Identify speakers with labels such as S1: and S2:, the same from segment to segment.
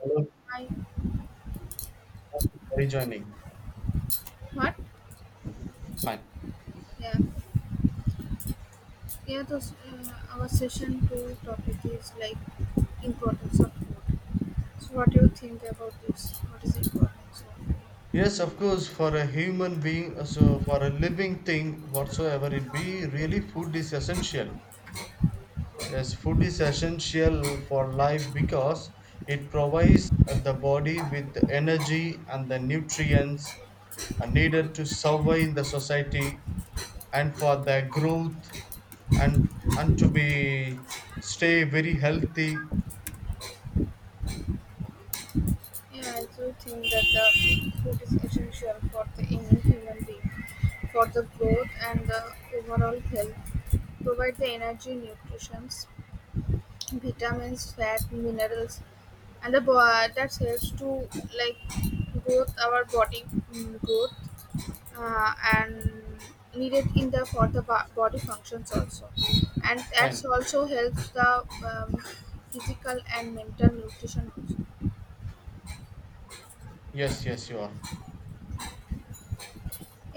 S1: Hello,
S2: I
S1: thank you for rejoining.
S2: what?
S1: Fine.
S2: Yeah, yeah. Our session two topic is like importance of food. So, what do you think about this? What is importance of food?
S1: Yes, of course, for a human being, so for a living thing, whatsoever it be, really food is essential. Yes, food is essential for life because it provides the body with the energy and the nutrients are needed to survive in the society and for their growth and to be stay very healthy.
S2: Yeah, I do think that the food is essential for the any human being, for the growth and the overall health. Provide the energy, nutrition, vitamins, fat, minerals, and that helps to like growth our body, growth and needed in the for the body functions also, and that's
S1: Fine.
S2: also helps the physical and mental nutrition also.
S1: Yes, yes, you are.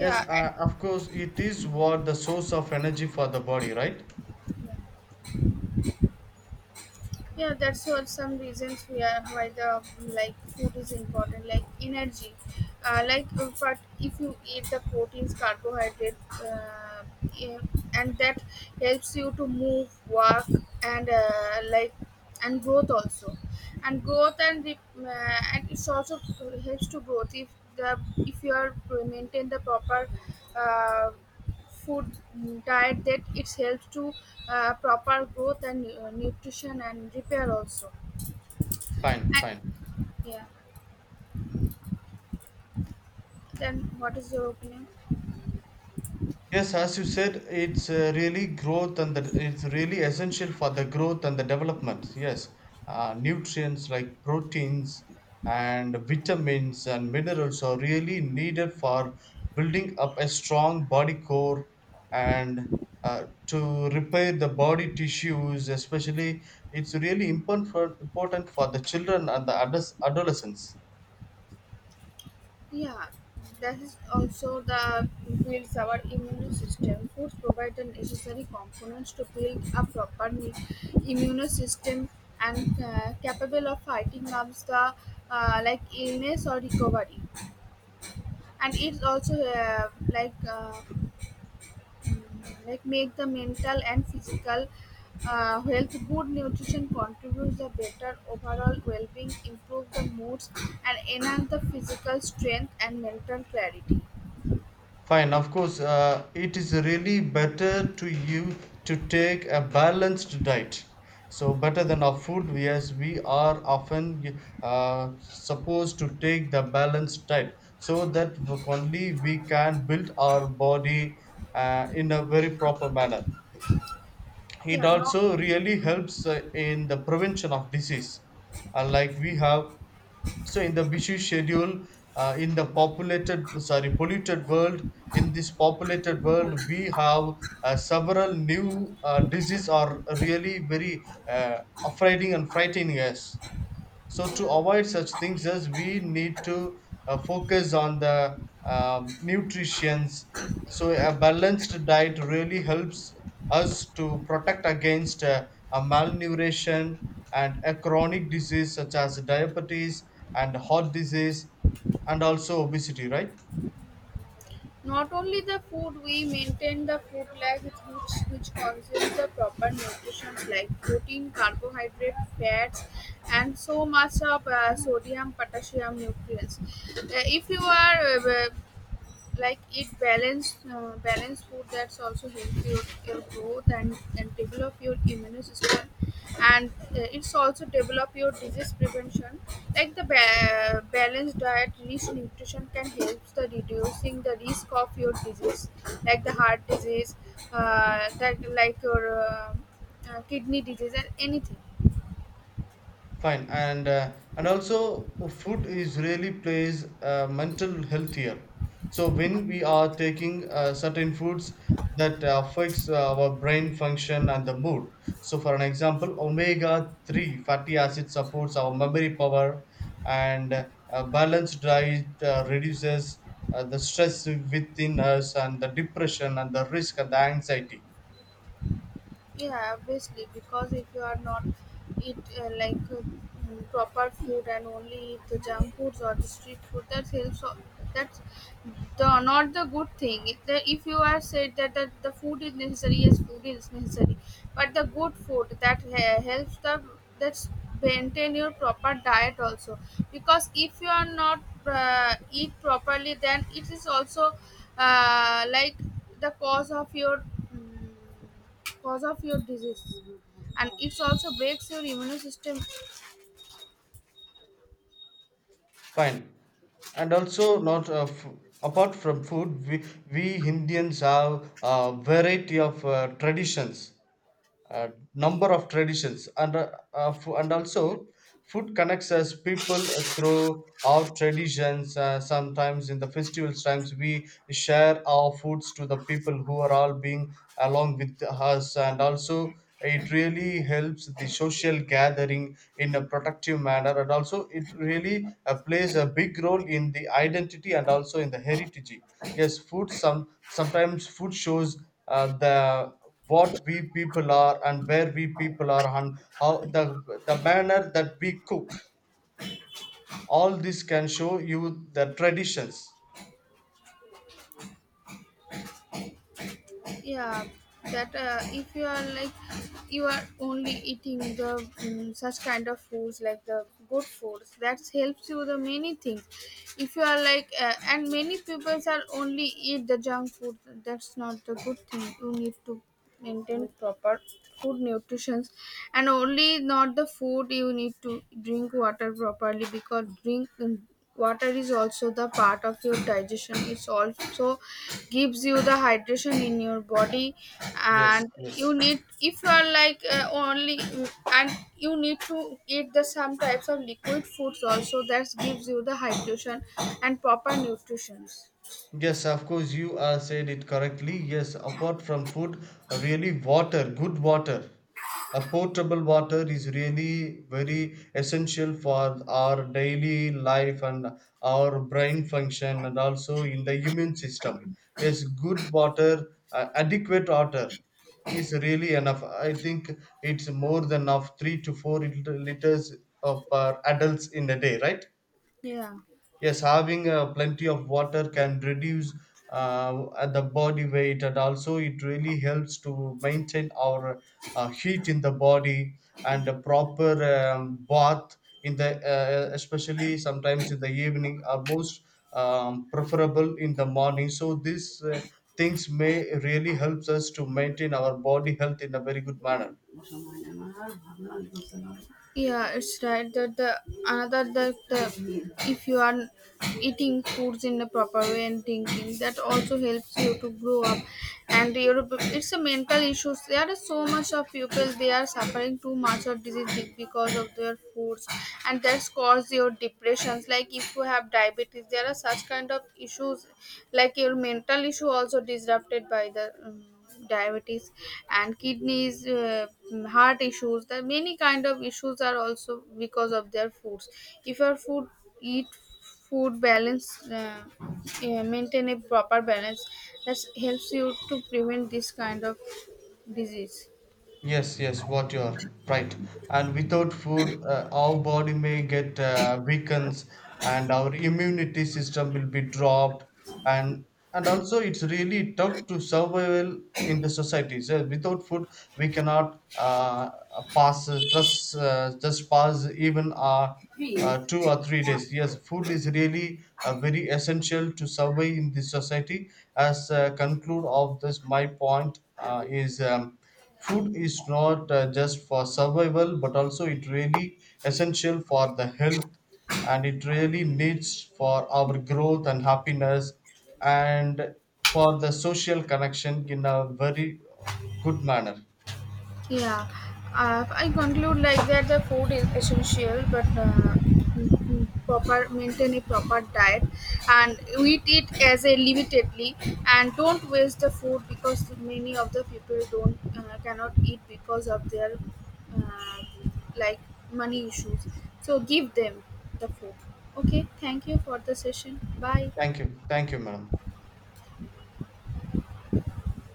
S1: Yes, of course, it is what the source of energy for the body, right?
S2: Yeah, that's what some reasons we are why the like food is important, like energy. But if you eat the proteins, carbohydrate, uh, in- and that helps you to move, work, and uh, like and growth also, and growth and the, and it's also helps to growth if the if you are maintain the proper. Uh, Food diet that it's helps to proper growth and nutrition and repair also.
S1: Fine,
S2: I,
S1: fine.
S2: yeah, then what is your opinion?
S1: Yes, as you said, it's really essential for the growth and the development. Yes, nutrients like proteins and vitamins and minerals are really needed for building up a strong body core and to repair the body tissues. Especially, it's really important important for the children and the adolescents.
S2: Yeah, that is also the builds our immune system. Foods provide the necessary components to build a proper immune system and capable of fighting up the like illness or recovery, and it's also like make the mental and physical health. Good nutrition contributes the better overall well-being, improve the moods and enhance the physical strength and mental clarity.
S1: Fine, of course, it is really better to you to take a balanced diet. So better than our food, yes, we are often supposed to take the balanced diet so that only we can build our body in a very proper manner. It
S2: Yeah. not
S1: also really helps in the prevention of disease. Like we have, so in the busy schedule, in the populated sorry polluted world, in this populated world we have several new diseases are really very affrighting and frightening us, so to avoid such things, as we need to focus on the nutritions. So a balanced diet really helps us to protect against a malnutrition and a chronic disease such as diabetes and heart disease and also obesity, right?
S2: not only the food we maintain the food like which consumes the proper nutrition like protein, carbohydrate, fats, and so much of sodium, potassium nutrients. If you are uh, like eat balanced food, that's also help your growth and develop your immune system, and it's also develop your disease prevention. Like the balanced diet rich nutrition can help the reducing the risk of your disease, like the heart disease, that like your kidney disease and anything.
S1: Fine, and also food is really plays mental health here. So when we are taking certain foods that affects our brain function and the mood. So for an example, omega three fatty acid supports our memory power, and a balanced diet reduces the stress within us and the depression and the risk and the anxiety.
S2: Yeah, obviously, because if you are not eat proper food and only eat the junk foods or the street food that helps, so that's the not the good thing if, the, if you are said that, that the food is necessary. Yes, food is necessary, but the good food that helps the, that's maintain your proper diet also, because if you are not eat properly, then it is also uh, like the cause of your mm, cause of your disease, and it also breaks your immune system.
S1: Fine. And also not f- apart from food, we Indians have a variety of traditions, uh, number of traditions and also food connects us people through our traditions. Sometimes in the festivals times we share our foods to the people who are all being along with us, and also it really helps the social gathering in a productive manner, and also it really plays a big role in the identity and also in the heritage. Yes, food some sometimes food shows the what we people are and where we people are and how the manner that we cook. All this can show you the traditions.
S2: Yeah, that if you are like you are only eating the such kind of foods like the good foods that helps you the many things. If you are like and many people are only eat the junk food, that's not the good thing. You need to maintain proper food nutrition, and only not the food, you need to drink water properly, because water is also the part of your digestion. It also gives you the hydration in your body,
S1: Yes,
S2: and you
S1: yes.
S2: need if you are like only and you need to eat the some types of liquid foods also that gives you the hydration and proper nutrition.
S1: Yes, of course, you are said it correctly. Yes, apart from food, really water, good water, a potable water is really very essential for our daily life and our brain function and also in the immune system. Yes, good water, adequate water is really enough. I think it's more than of three to four liters per adults in a day, right?
S2: Yeah.
S1: Yes, having plenty of water can reduce the body weight, and also it really helps to maintain our heat in the body, and a proper bath in the especially sometimes in the evening are most preferable in the morning. So these things may really helps us to maintain our body health in a very good manner.
S2: Yeah, it's right that the another that the, if you are eating foods in the proper way and thinking, that also helps you to grow up and your, it's a mental issues. There are so much of people they are suffering too much of disease because of their foods, and that's cause your depressions. Like if you have diabetes, there are such kind of issues, like your mental issue also disrupted by the diabetes and kidneys, heart issues. The many kind of issues are also because of their foods. If your food eat food balance maintain a proper balance, that helps you to prevent this kind of disease.
S1: Yes, yes, what you are right. And without food, our body may get weakens, and our immunity system will be dropped, and also it's really tough to survival in the society. So without food, we cannot pass just pass even two or three days. Yes, food is really very essential to survive in this society. As conclude of this, my point is. Food is not just for survival, but also it really essential for the health, and it really needs for our growth and happiness, and for the social connection in a very good manner.
S2: Yeah, I conclude like that the food is essential, but proper maintain a proper diet and eat it as a limitedly and don't waste the food, because many of the people don't cannot eat because of their uh, like money issues. So give them the food. Okay, thank you for the session. Bye.
S1: Thank you, madam.